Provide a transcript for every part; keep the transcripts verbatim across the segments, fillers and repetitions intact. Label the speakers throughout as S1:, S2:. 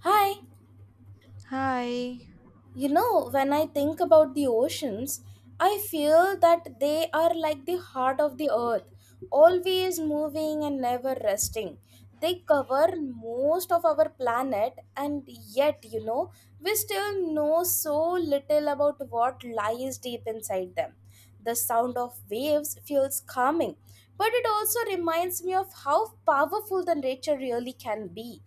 S1: Hi,
S2: Hi.
S1: you know, when I think about the oceans, I feel that they are like the heart of the earth, always moving and never resting. They cover most of our planet, and yet, you know, we still know so little about what lies deep inside them. The sound of waves feels calming, but it also reminds me of how powerful the nature really can be.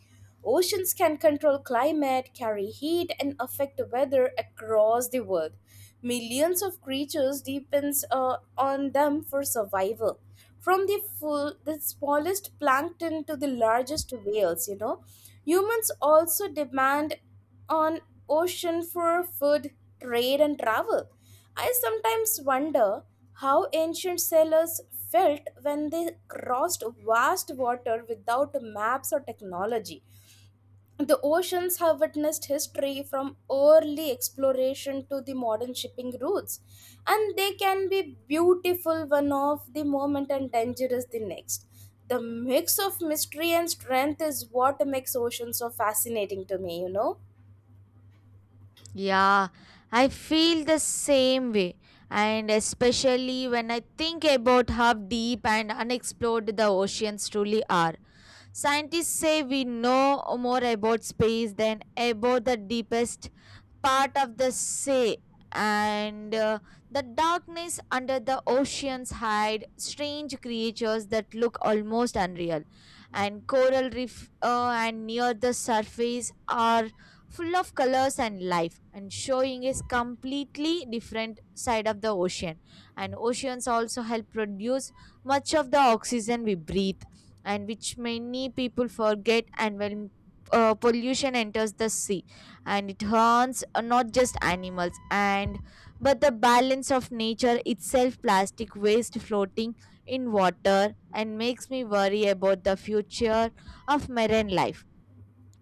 S1: Oceans can control climate, carry heat, and affect weather across the world. Millions of creatures depends uh, on them for survival. From the full, the smallest plankton to the largest whales, you know, humans also demand on ocean for food, trade, and travel. I sometimes wonder how ancient sailors felt when they crossed vast water without maps or technology. The oceans have witnessed history from early exploration to the modern shipping routes, and they can be beautiful one of the moment and dangerous the next. The mix of mystery and strength is what makes oceans so fascinating to me, you know.
S2: Yeah, I feel the same way, and especially when I think about how deep and unexplored the oceans truly are. Scientists say we know more about space than about the deepest part of the sea, and uh, the darkness under the oceans hide strange creatures that look almost unreal. And coral reef uh, and near the surface are full of colors and life, and showing is completely different side of the ocean. And oceans also help produce much of the oxygen we breathe, and which many people forget and when uh, pollution enters the sea and it harms uh, not just animals and but the balance of nature itself, plastic waste floating in water and makes me worry about the future of marine life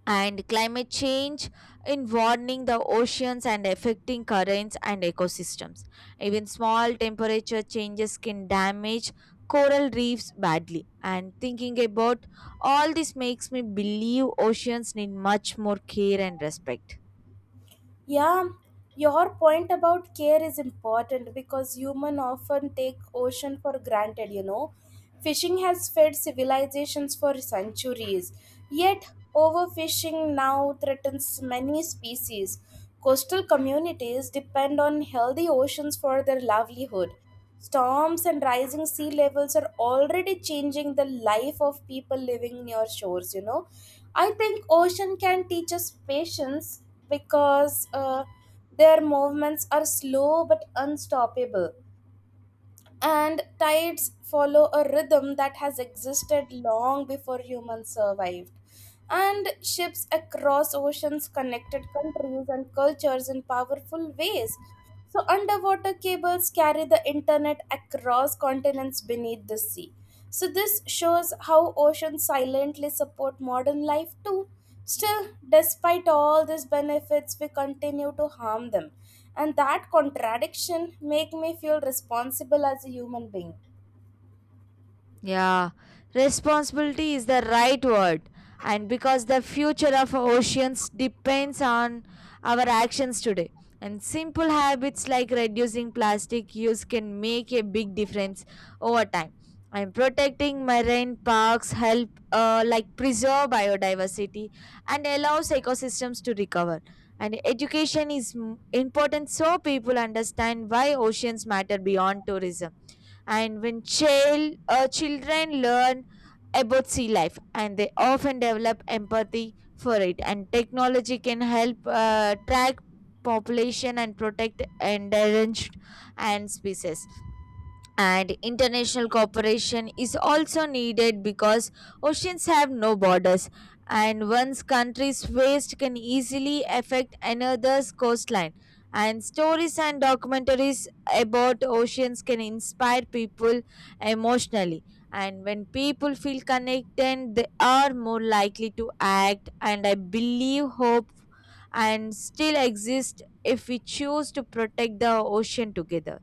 S2: and climate change in warming the oceans and affecting currents and ecosystems, even small temperature changes can damage coral reefs badly, and thinking about all this makes me believe oceans need much more care and respect.
S1: Yeah, your point about care is important because human often take ocean for granted, you know. Fishing has fed civilizations for centuries, yet, overfishing now threatens many species. Coastal communities depend on healthy oceans for their livelihood. Storms and rising sea levels are already changing the life of people living near shores, you know. I think ocean can teach us patience because uh, their movements are slow but unstoppable, and tides follow a rhythm that has existed long before humans survived. And ships across oceans connected countries and cultures in powerful ways. So, underwater cables carry the internet across continents beneath the sea. So, this shows how oceans silently support modern life too. Still, despite all these benefits, we continue to harm them, and that contradiction make me feel responsible as a human being.
S2: Yeah, responsibility is the right word, and because the future of oceans depends on our actions today. And simple habits like reducing plastic use can make a big difference over time. And protecting marine parks help uh, like preserve biodiversity and allows ecosystems to recover. And education is m- important so people understand why oceans matter beyond tourism, and when child uh, children learn about sea life and they often develop empathy for it, and technology can help uh, track population and protect endangered and species, and international cooperation is also needed because oceans have no borders and one's country's waste can easily affect another's coastline, and stories and documentaries about oceans can inspire people emotionally, and when people feel connected they are more likely to act, and I believe hope and still exist if we choose to protect the ocean together.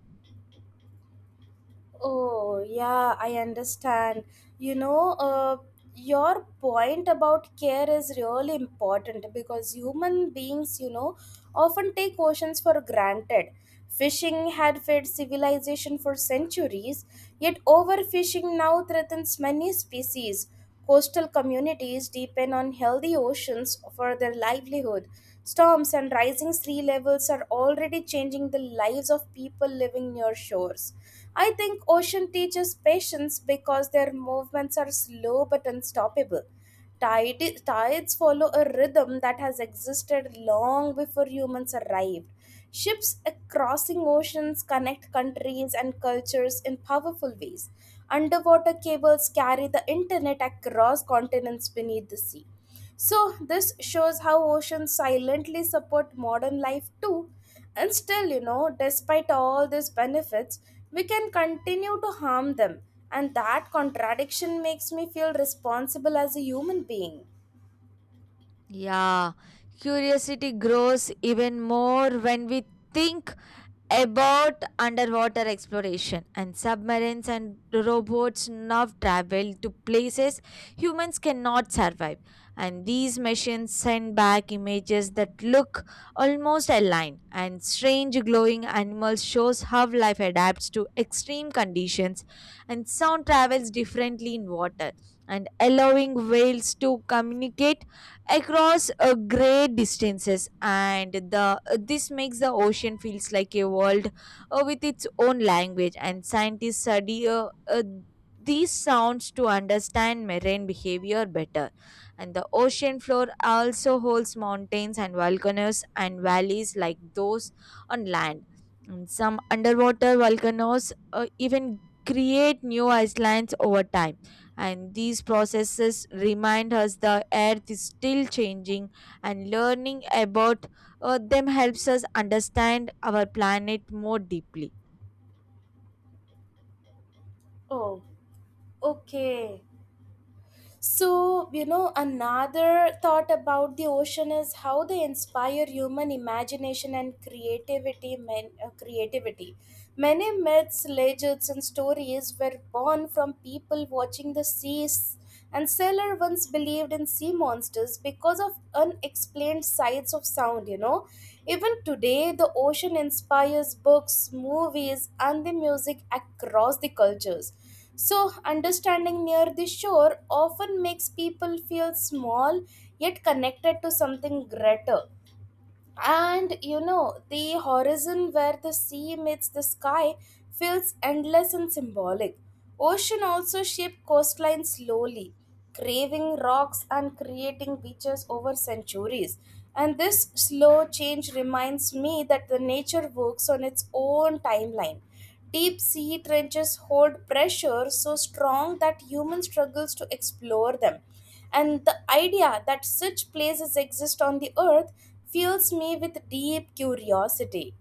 S1: Oh, yeah, I understand. You know, uh, your point about care is really important because human beings, you know, often take oceans for granted. Fishing had fed civilization for centuries, yet overfishing now threatens many species. Coastal communities depend on healthy oceans for their livelihood. Storms and rising sea levels are already changing the lives of people living near shores. I think ocean teaches patience because their movements are slow but unstoppable. Tide, tides follow a rhythm that has existed long before humans arrived. Ships crossing oceans connect countries and cultures in powerful ways. Underwater cables carry the internet across continents beneath the sea. So, this shows how oceans silently support modern life too. And still, you know, despite all these benefits, we can continue to harm them. And that contradiction makes me feel responsible as a human being.
S2: Yeah, curiosity grows even more when we think about underwater exploration and submarines and robots now travel to places humans cannot survive, and these machines send back images that look almost aligned, and strange glowing animals shows how life adapts to extreme conditions, and sound travels differently in water and allowing whales to communicate across uh, great distances, and the this makes the ocean feels like a world uh, with its own language, and scientists study uh, uh, these sounds to understand marine behavior better, and the ocean floor also holds mountains and volcanoes and valleys like those on land, and some underwater volcanoes uh, even create new islands over time, and these processes remind us the earth is still changing, and learning about uh, them helps us understand our planet more deeply.
S1: Oh, okay. So, you know, another thought about the ocean is how they inspire human imagination and creativity. Men, uh, creativity. Many myths, legends, and stories were born from people watching the seas, and sailor once believed in sea monsters because of unexplained sides of sound, you know. Even today, the ocean inspires books, movies, and the music across the cultures. So, understanding near the shore often makes people feel small yet connected to something greater. And you know, the horizon where the sea meets the sky feels endless and symbolic. Ocean also shaped coastline slowly, craving rocks and creating beaches over centuries. And this slow change reminds me that the nature works on its own timeline. Deep sea trenches hold pressure so strong that human struggles to explore them. And the idea that such places exist on the earth fills me with deep curiosity.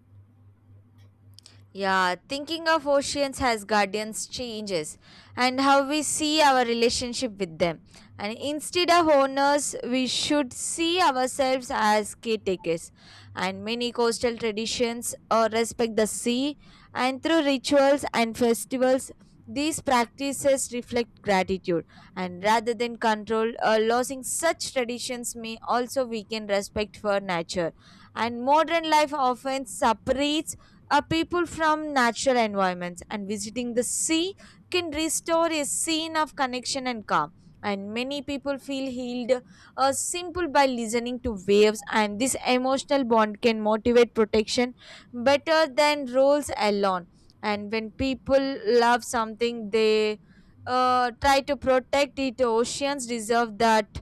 S2: Yeah, thinking of oceans as guardians changes and how we see our relationship with them. And instead of owners, we should see ourselves as caretakers. And many coastal traditions uh, respect the sea, and through rituals and festivals, these practices reflect gratitude. And rather than control, uh, losing such traditions may also weaken respect for nature. And modern life often separates uh, people from natural environments, and visiting the sea can restore a scene of connection and calm, and many people feel healed uh, simple by listening to waves, and this emotional bond can motivate protection better than rules alone, and when people love something they uh, try to protect it, oceans deserve that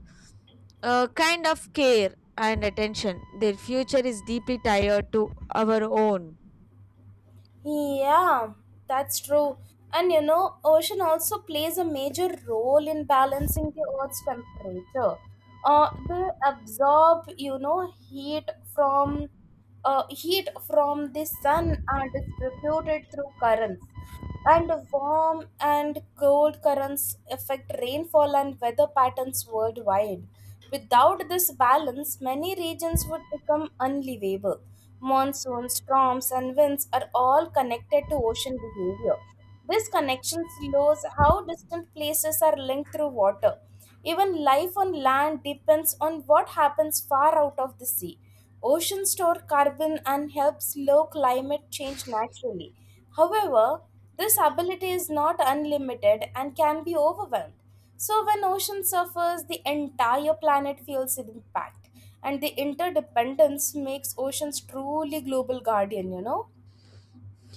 S2: uh, kind of care and attention, their future is deeply tied to our own.
S1: Yeah, that's true. And you know, ocean also plays a major role in balancing the Earth's temperature. Uh, they absorb, you know, heat from uh, heat from the sun and distribute it through currents. And warm and cold currents affect rainfall and weather patterns worldwide. Without this balance, many regions would become unlivable. Monsoons, storms, and winds are all connected to ocean behavior. This connection shows how distant places are linked through water. Even life on land depends on what happens far out of the sea. Oceans store carbon and help slow climate change naturally. However, this ability is not unlimited and can be overwhelmed. So, when ocean suffers, the entire planet feels its impact, and the interdependence makes oceans truly global guardian, you know?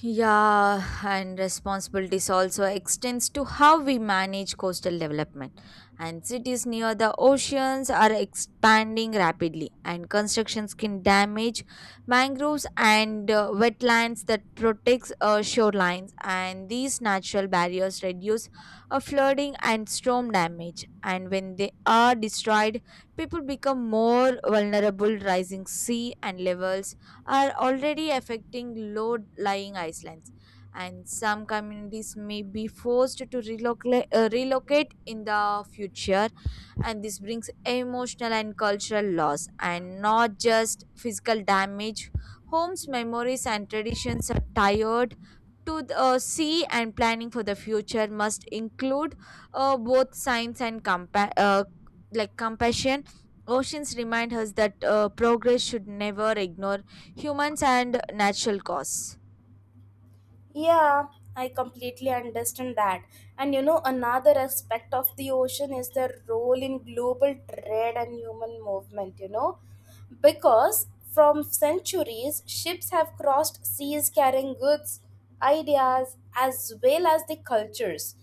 S2: Yeah, and responsibilities also extends to how we manage coastal development. And cities near the oceans are expanding rapidly, and constructions can damage mangroves and uh, wetlands that protects uh, shorelines. And these natural barriers reduce uh, flooding and storm damage. And when they are destroyed, people become more vulnerable, rising sea and levels are already affecting low-lying islands, and some communities may be forced to relocate, uh, relocate in the future. And this brings emotional and cultural loss, and not just physical damage. Homes, memories, and traditions are tired to the, uh, see, and planning for the future must include uh, both science and compa- uh, like compassion. Oceans remind us that uh, progress should never ignore humans and natural cause.
S1: Yeah, I completely understand that. And you know, another aspect of the ocean is their role in global trade and human movement, you know, because from centuries, ships have crossed seas carrying goods, ideas, as well as the cultures.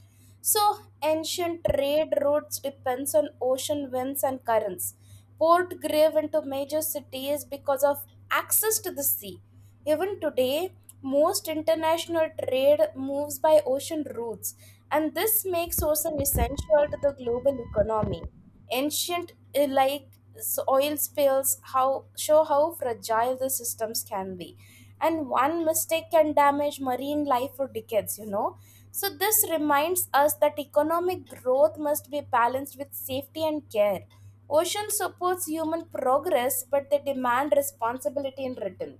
S1: So, ancient trade routes depends on ocean winds and currents. Port grave into major cities because of access to the sea. Even today, most international trade moves by ocean routes, and this makes ocean essential to the global economy. Ancient uh, like s- oil spills how show how fragile the systems can be, and one mistake can damage marine life for decades. You know, so this reminds us that economic growth must be balanced with safety and care. Ocean supports human progress, but they demand responsibility in return.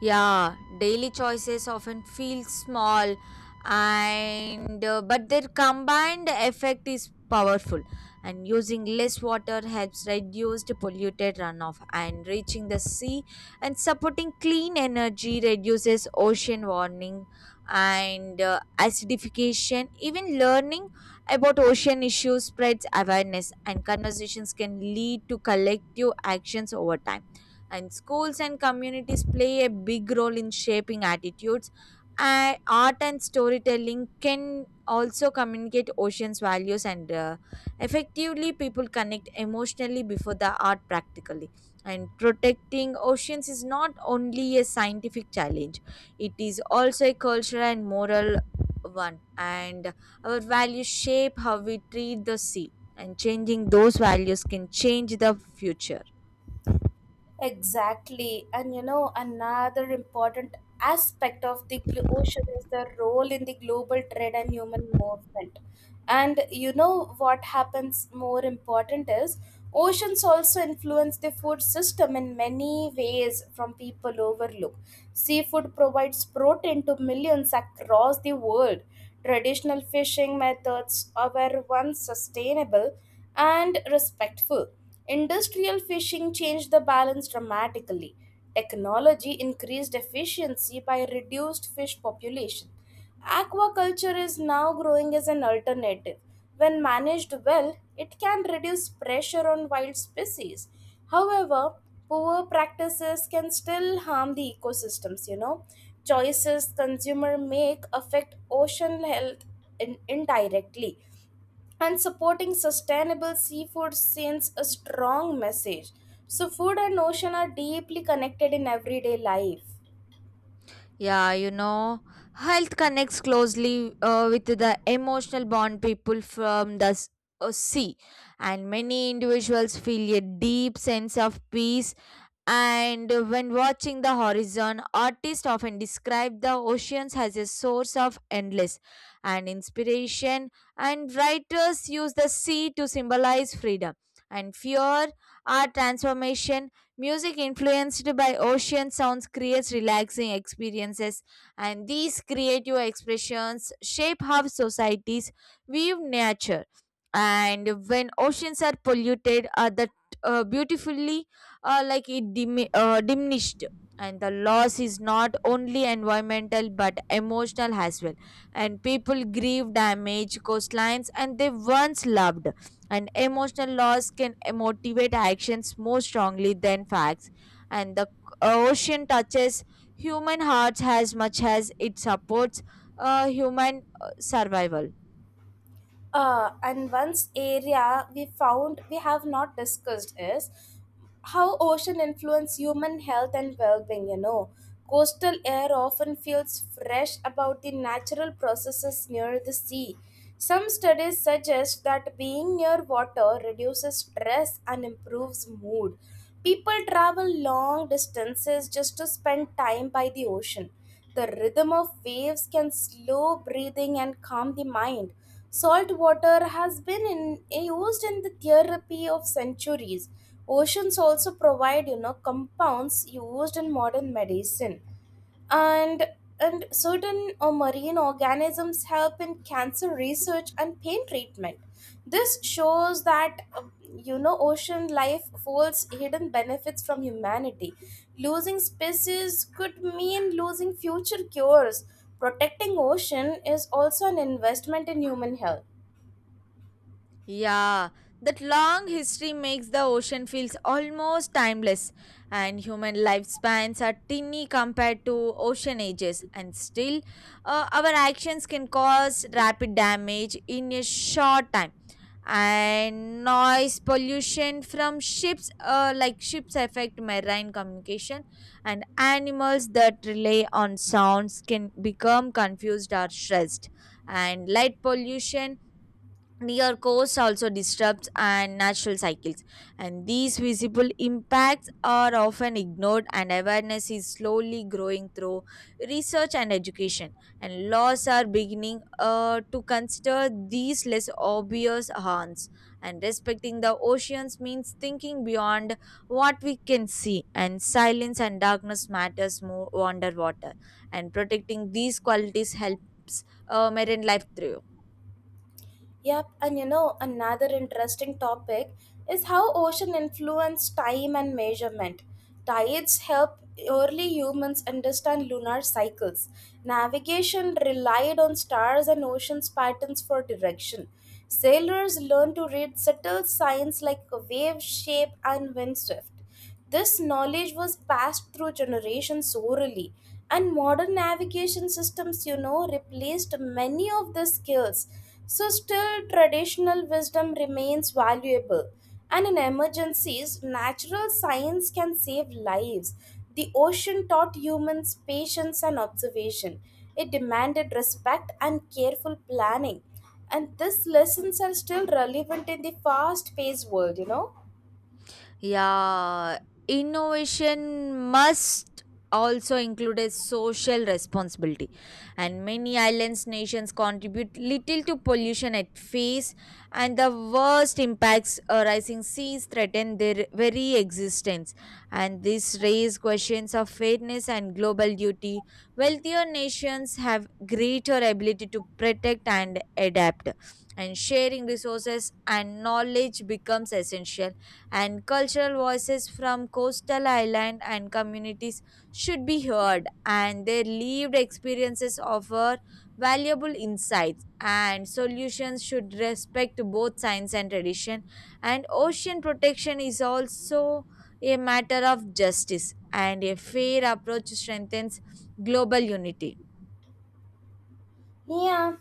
S2: Yeah, daily choices often feel small, and uh, but their combined effect is powerful, and using less water helps reduce the polluted runoff and reaching the sea, and supporting clean energy reduces ocean warming and uh, acidification, even learning about ocean issues spreads awareness, and conversations can lead to collective actions over time, and schools and communities play a big role in shaping attitudes, and art and storytelling can also communicate ocean's values, and uh, effectively people connect emotionally before the art practically, and protecting oceans is not only a scientific challenge, it is also a cultural and moral one, and our values shape how we treat the sea, and changing those values can change the future.
S1: Exactly. And you know, another important aspect of the glo- ocean is the role in the global trade and human movement. And you know what happens more important is oceans also influence the food system in many ways from people overlook. Seafood provides protein to millions across the world. Traditional fishing methods were once sustainable and respectful. Industrial fishing changed the balance dramatically. Technology increased efficiency by reduced fish population. Aquaculture is now growing as an alternative. When managed well, it can reduce pressure on wild species. However, poor practices can still harm the ecosystems, you know. Choices consumer make affect ocean health in- indirectly, and supporting sustainable seafood sends a strong message. So, food and ocean are deeply connected in everyday life.
S2: Yeah, you know, health connects closely uh, with the emotional bond people from the s- uh, sea, and many individuals feel a deep sense of peace, and when watching the horizon, artists often describe the oceans as a source of endless and inspiration, and writers use the sea to symbolize freedom and fear, art transformation, music influenced by ocean sounds creates relaxing experiences, and these creative expressions shape how societies view nature. And when oceans are polluted, are the uh, beautifully uh, like it dim- uh, diminished, and the loss is not only environmental but emotional as well, and people grieve damage coastlines and they once loved, and emotional loss can motivate actions more strongly than facts, and the ocean touches human hearts as much as it supports uh, human uh, survival.
S1: Uh, and once area we found we have not discussed is how ocean influence human health and well-being. You know coastal air often feels fresh about the natural processes near the sea. Some studies suggest that being near water reduces stress and improves mood. People travel long distances just to spend time by the ocean. The rhythm of waves can slow breathing and calm the mind. Salt water has been in, eh, used in the therapy of centuries. Oceans also provide, you know, compounds used in modern medicine, and and certain uh, marine organisms help in cancer research and pain treatment. This shows that uh, you know ocean life holds hidden benefits from humanity. Losing species could mean losing future cures. Protecting ocean is also an investment in human health.
S2: Yeah, that long history makes the ocean feels almost timeless, and human lifespans are tiny compared to ocean ages, and still, uh, our actions can cause rapid damage in a short time. And noise pollution from ships, uh, like ships, affect marine communication, and animals that rely on sounds can become confused or stressed. And light pollution near coast also disrupts and natural cycles, and these visible impacts are often ignored, and awareness is slowly growing through research and education, and laws are beginning uh, to consider these less obvious harms, and respecting the oceans means thinking beyond what we can see, and silence and darkness matters more underwater, and protecting these qualities helps uh, marine life through.
S1: Yep, and you know, another interesting topic is how ocean influence time and measurement. Tides help early humans understand lunar cycles. Navigation relied on stars and ocean's patterns for direction. Sailors learned to read subtle signs like wave shape and wind shift. This knowledge was passed through generations orally, and modern navigation systems, you know, replaced many of the skills. So, still, traditional wisdom remains valuable. And in emergencies, natural science can save lives. The ocean taught humans patience and observation. It demanded respect and careful planning. And these lessons are still relevant in the fast paced world, you know.
S2: Yeah, innovation must also include a social responsibility, and many islands nations contribute little to pollution at face, and the worst impacts arising seas threaten their very existence, and this raises questions of fairness and global duty, wealthier nations have greater ability to protect and adapt, and sharing resources and knowledge becomes essential, and cultural voices from coastal island and communities should be heard, and their lived experiences offer valuable insights, and solutions should respect both science and tradition, and ocean protection is also a matter of justice, and a fair approach strengthens global unity.
S1: Yeah,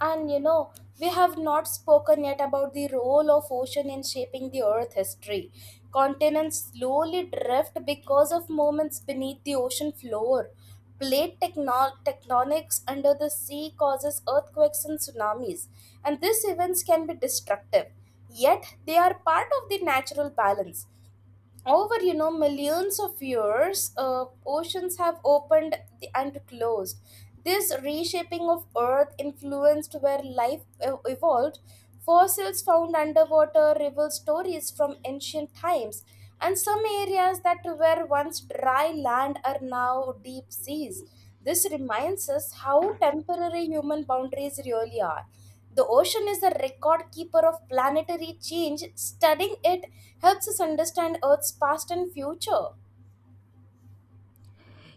S1: and you know, we have not spoken yet about the role of ocean in shaping the earth history. Continents slowly drift because of movements beneath the ocean floor. Plate tecno- tectonics under the sea causes earthquakes and tsunamis, and these events can be destructive. Yet, they are part of the natural balance over you know millions of years. Uh, oceans have opened the- and closed. This reshaping of earth influenced where life ev- evolved. Fossils found underwater reveal stories from ancient times, and some areas that were once dry land are now deep seas. This reminds us how temporary human boundaries really are. The ocean is a record keeper of planetary change. Studying it helps us understand Earth's past and future.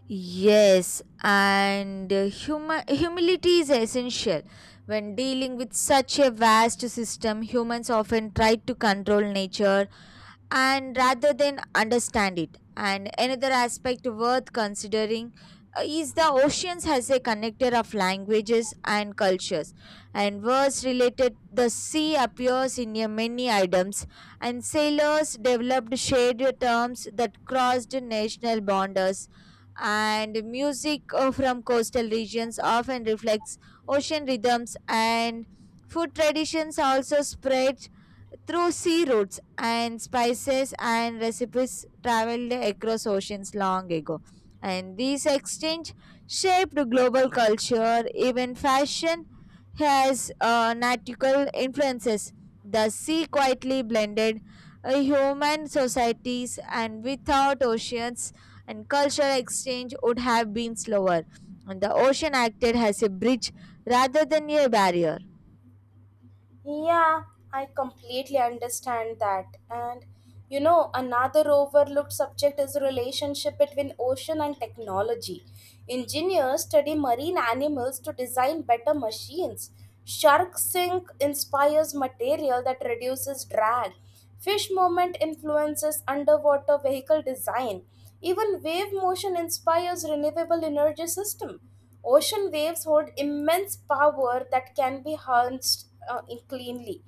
S2: Yes, and uh, huma humility is essential. When dealing with such a vast system, humans often try to control nature, and rather than understand it. And another aspect worth considering uh, is the oceans as a connector of languages and cultures. And words related, the sea appears in a many items, and sailors developed shared terms that crossed national borders. And music uh, from coastal regions often reflects ocean rhythms, and food traditions also spread through sea routes, and spices and recipes traveled across oceans long ago. And these exchange shaped global culture, even fashion has uh, nautical influences. The sea quietly blended uh, human societies, and without oceans, and cultural exchange would have been slower. And the ocean acted as a bridge rather than a barrier.
S1: Yeah, I completely understand that. And you know, another overlooked subject is the relationship between ocean and technology. Engineers study marine animals to design better machines. Shark sink inspires material that reduces drag. Fish movement influences underwater vehicle design. Even wave motion inspires renewable energy system. Ocean waves hold immense power that can be harnessed uh, in- cleanly.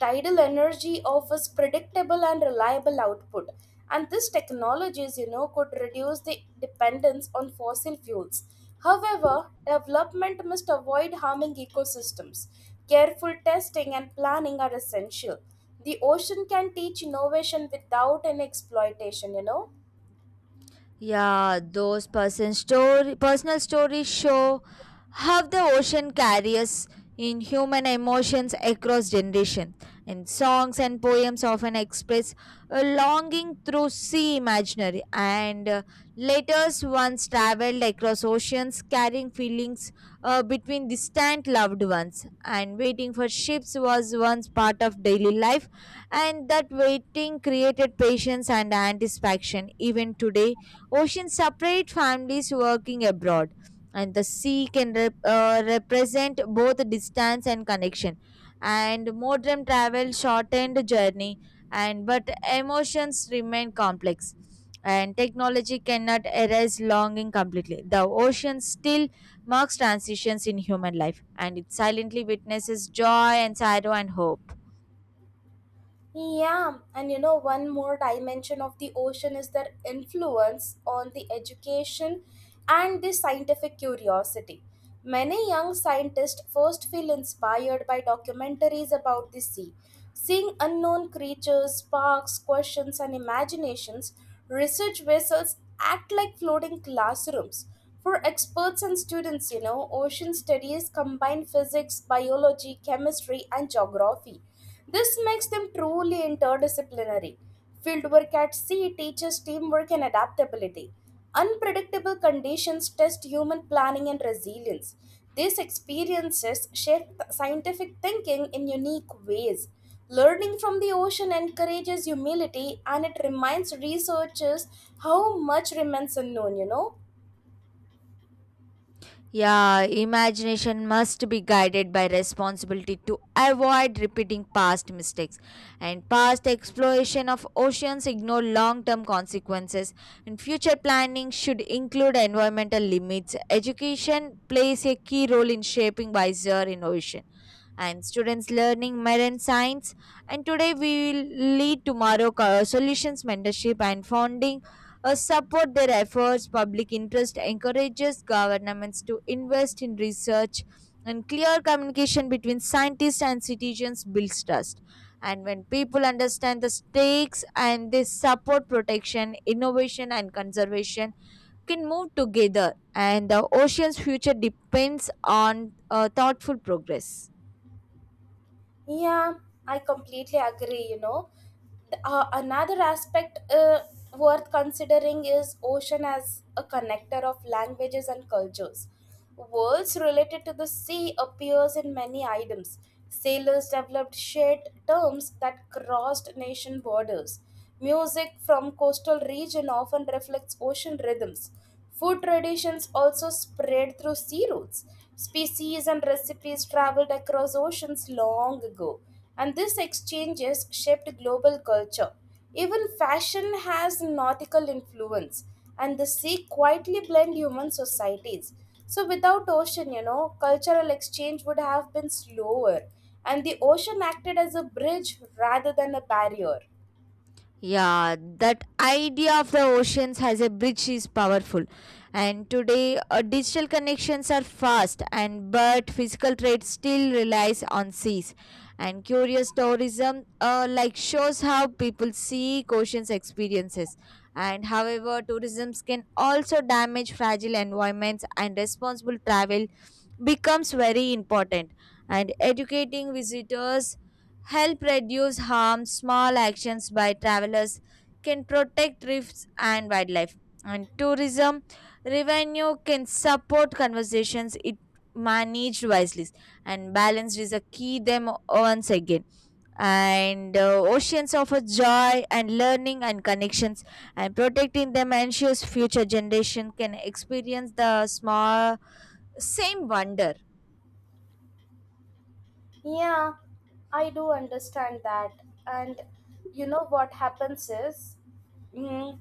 S1: Tidal energy offers predictable and reliable output, and these technologies, you know, could reduce the dependence on fossil fuels. However, development must avoid harming ecosystems. Careful testing and planning are essential. The ocean can teach innovation without an exploitation, you know.
S2: Yeah, those person story, personal stories show how the ocean carries in human emotions across generation. And songs and poems often express a longing through sea imaginary. And uh, letters once traveled across oceans, carrying feelings uh, between distant loved ones. And waiting for ships was once part of daily life. And that waiting created patience and anticipation. Even today, oceans separate families working abroad, and the sea can rep- uh, represent both distance and connection. And modern travel shortened journey, and but emotions remain complex. And technology cannot erase longing completely. The ocean still marks transitions in human life, and it silently witnesses joy and sorrow and hope.
S1: Yeah, and you know, one more dimension of the ocean is their influence on the education and the scientific curiosity. Many young scientists first feel inspired by documentaries about the sea. Seeing unknown creatures sparks questions and imaginations. Research vessels act like floating classrooms. For experts and students, you know, ocean studies combine physics, biology, chemistry, and geography. This makes them truly interdisciplinary. Fieldwork at sea teaches teamwork and adaptability. Unpredictable conditions test human planning and resilience. These experiences shape scientific thinking in unique ways. Learning from the ocean encourages humility, and it reminds researchers how much remains unknown, you know.
S2: Yeah, imagination must be guided by responsibility to avoid repeating past mistakes. And past exploration of oceans ignore long term consequences. And future planning should include environmental limits. Education plays a key role in shaping wiser innovation. And students learning marine science. And today we will lead tomorrow co- solutions, mentorship, and founding uh, support their efforts. Public interest encourages governments to invest in research, and clear communication between scientists and citizens builds trust. And when people understand the stakes and they support protection, innovation, and conservation, can move together, and the ocean's future depends on uh, thoughtful progress.
S1: Yeah, I completely agree. You know, The- uh, another aspect uh, worth considering is ocean as a connector of languages and cultures. Words related to the sea appears in many items. Sailors developed shared terms that crossed nation borders. Music from coastal region often reflects ocean rhythms. Food traditions also spread through sea routes. Species and recipes traveled across oceans long ago, and these exchanges shaped global culture. Even fashion has nautical influence, and the sea quietly blend human societies. So, without ocean, you know, cultural exchange would have been slower, and the ocean acted as a bridge rather than a barrier.
S2: Yeah, that idea of the oceans as a bridge is powerful. And today, uh, digital connections are fast, and but physical trade still relies on seas. And curious tourism, uh, like shows how people seek oceans experiences. And however, tourism can also damage fragile environments, and responsible travel becomes very important. And educating visitors help reduce harm. Small actions by travelers can protect reefs and wildlife. And tourism revenue can support conversations it managed wisely and balanced is a key them once again and uh, oceans offer joy and learning and connections and protecting them ensures future generation can experience the small same wonder.
S1: Yeah, I do understand that. And you know what happens is Mm,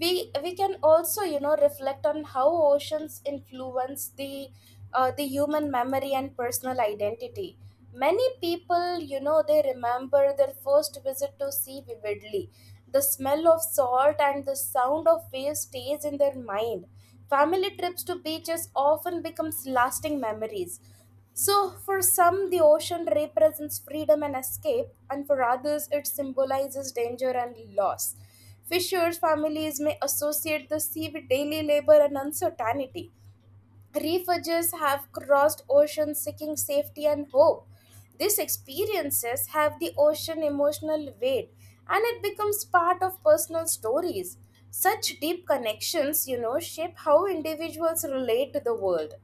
S1: we we can also you know reflect on how oceans influence the uh, the human memory and personal identity. Many people, you know they remember their first visit to sea vividly. The smell of salt and the sound of waves stays in their mind. Family trips to beaches often becomes lasting memories. So, for some, the ocean represents freedom and escape, and for others, it symbolizes danger and loss. Fishers' families may associate the sea with daily labor and uncertainty. Refugees have crossed oceans seeking safety and hope. These experiences have the ocean emotional weight, and it becomes part of personal stories. Such deep connections, you know, shape how individuals relate to the world.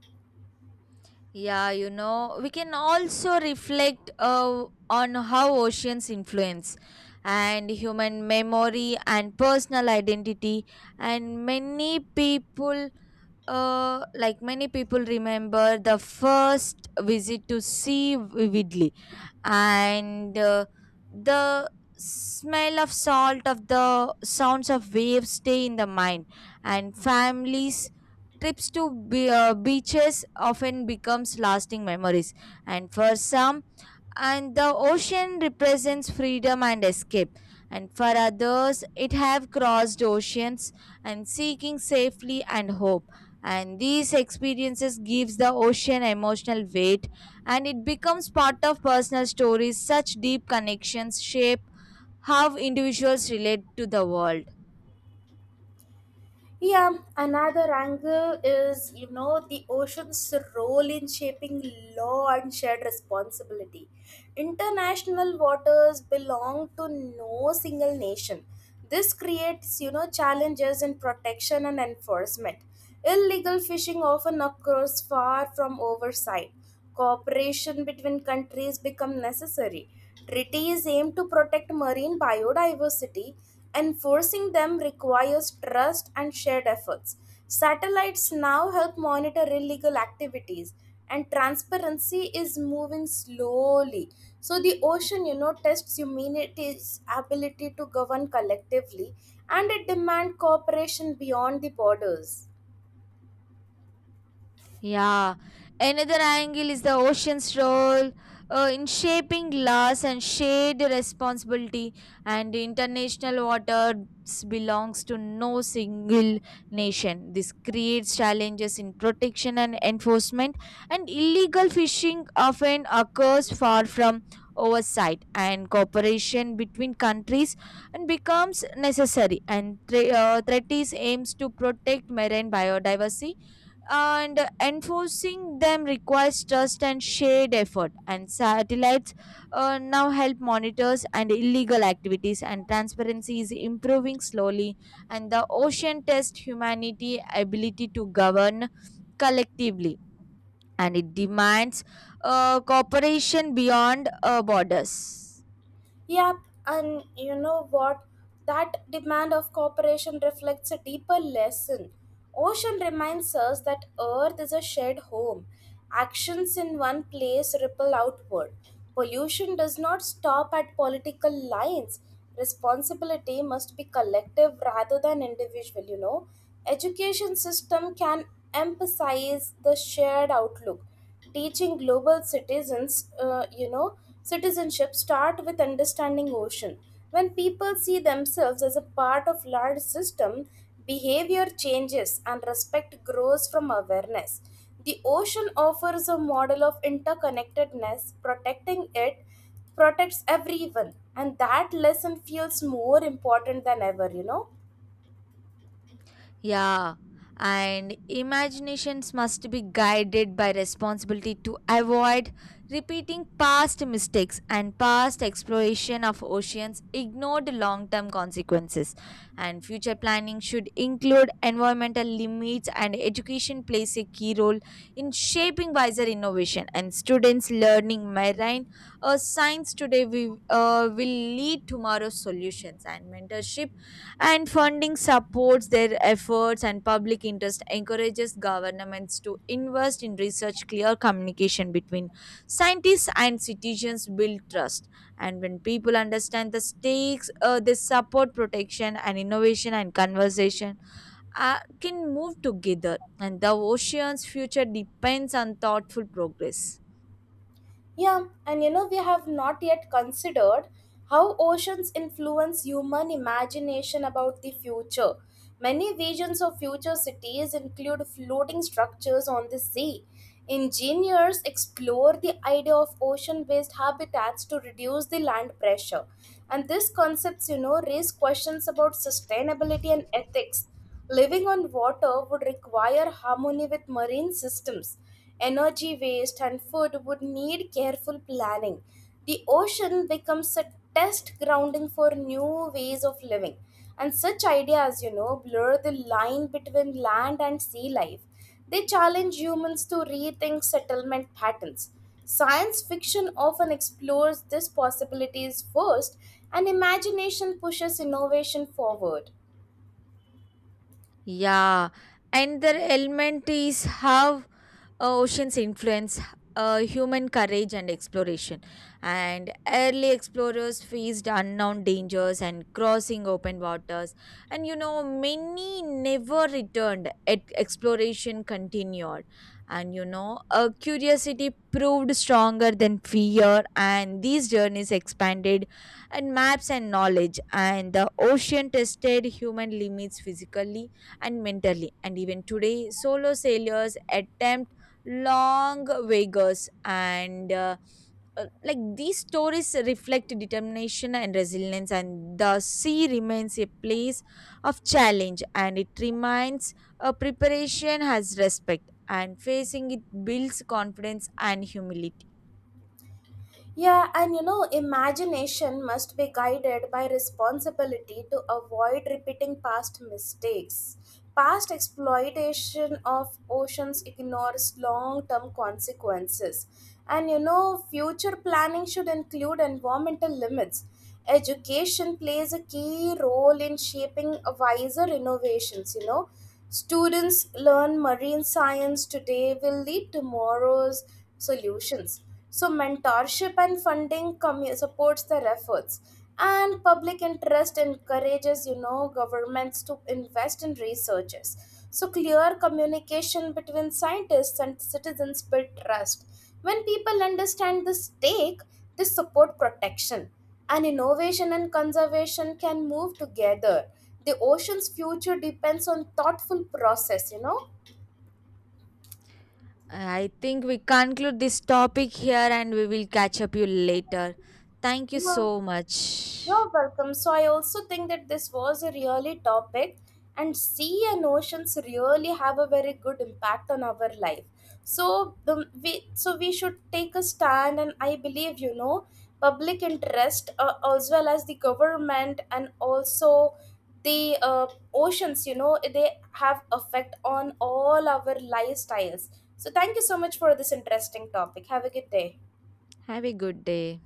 S2: Yeah, you know, we can also reflect uh, on how oceans influence and human memory and personal identity and many people uh, like many people remember the first visit to sea vividly and uh, the smell of salt of the sounds of waves stay in the mind and families trips to be, uh, beaches often becomes lasting memories and for some and the ocean represents freedom and escape and for others it have crossed oceans and seeking safely and hope and these experiences gives the ocean emotional weight and it becomes part of personal stories such deep connections shape how individuals relate to the world.
S1: Yeah, another angle is, you know, the ocean's role in shaping law and shared responsibility. International waters belong to no single nation. This creates, you know, challenges in protection and enforcement. Illegal fishing often occurs far from oversight. Cooperation between countries become necessary. Treaties aim to protect marine biodiversity. Enforcing them requires trust and shared efforts. Satellites now help monitor illegal activities, and transparency is moving slowly. So, the ocean, you know, tests humanity's ability to govern collectively, and it demands cooperation beyond the borders.
S2: Yeah, another angle is the ocean's role uh, in shaping glass and shade responsibility, and international waters belongs to no single nation. This creates challenges in protection and enforcement, and illegal fishing often occurs far from oversight, and cooperation between countries and becomes necessary. And thre- uh, treaties aims to protect marine biodiversity and enforcing them requires trust and shared effort and satellites uh, now help monitors and illegal activities and transparency is improving slowly and the ocean tests humanity ability to govern collectively and it demands uh, cooperation beyond uh, borders.
S1: Yep, and you know what? That demand of cooperation reflects a deeper lesson. Ocean reminds us that Earth is a shared home. Actions in one place ripple outward. Pollution does not stop at political lines. Responsibility must be collective rather than individual, you know. Education system can emphasize the shared outlook, teaching global citizens. uh, you know Citizenship start with understanding ocean. When people see themselves as a part of large system, behavior changes and respect grows from awareness. The ocean offers a model of interconnectedness. Protecting it protects everyone, and that lesson feels more important than ever you know
S2: Yeah, and imaginations must be guided by responsibility to avoid repeating past mistakes and past exploration of oceans ignored long term consequences. And future planning should include environmental limits, and education plays a key role in shaping wiser innovation. And students learning marine uh, science today we, uh, will lead tomorrow's solutions, and mentorship and funding supports their efforts and public interest encourages governments to invest in research clear communication between scientists and citizens build trust and when people understand the stakes uh, they support protection and innovation and conversation uh, can move together and the ocean's future depends on thoughtful progress.
S1: Yeah, and you know, we have not yet considered how oceans influence human imagination about the future. Many visions of future cities include floating structures on the sea. Engineers explore the idea of ocean based habitats to reduce the land pressure. And these concepts, you know, raise questions about sustainability and ethics. Living on water would require harmony with marine systems. Energy waste and food would need careful planning. The ocean becomes a test grounding for new ways of living. And such ideas, you know, blur the line between land and sea life. They challenge humans to rethink settlement patterns. Science fiction often explores these possibilities first, and imagination pushes innovation forward.
S2: Yeah, and their element is how uh, oceans influence uh, human courage and exploration. And early explorers faced unknown dangers and crossing open waters. And you know, many never returned. Yet exploration continued. And you know, uh, curiosity proved stronger than fear. And these journeys expanded and maps and knowledge. And the ocean tested human limits physically and mentally. And even today, solo sailors attempt long vigors and uh, uh, like these stories reflect determination and resilience and the sea remains a place of challenge and it reminds uh, preparation has respect and facing it builds confidence and humility.
S1: Yeah, and you know, imagination must be guided by responsibility to avoid repeating past mistakes. Past exploitation of oceans ignores long term consequences. And you know, future planning should include environmental limits. Education plays a key role in shaping wiser innovations you know Students learn marine science today will lead tomorrow's solutions. So mentorship and funding commu- supports their efforts, and public interest encourages, you know governments to invest in researches. So clear communication between scientists and citizens build trust. When people understand the stake, they support protection, and innovation and conservation can move together. The ocean's future depends on thoughtful process you know
S2: I think we conclude this topic here and we will catch up you later. Thank you
S1: Yeah.
S2: so much.
S1: You're welcome. So I also think that this was a really topic, and sea and oceans really have a very good impact on our life. So the we so we should take a stand, and I believe, you know public interest, uh, as well as the government, and also the uh, oceans. You know, they have effect on all our lifestyles. So thank you so much for this interesting topic. Have a good day.
S2: Have a good day.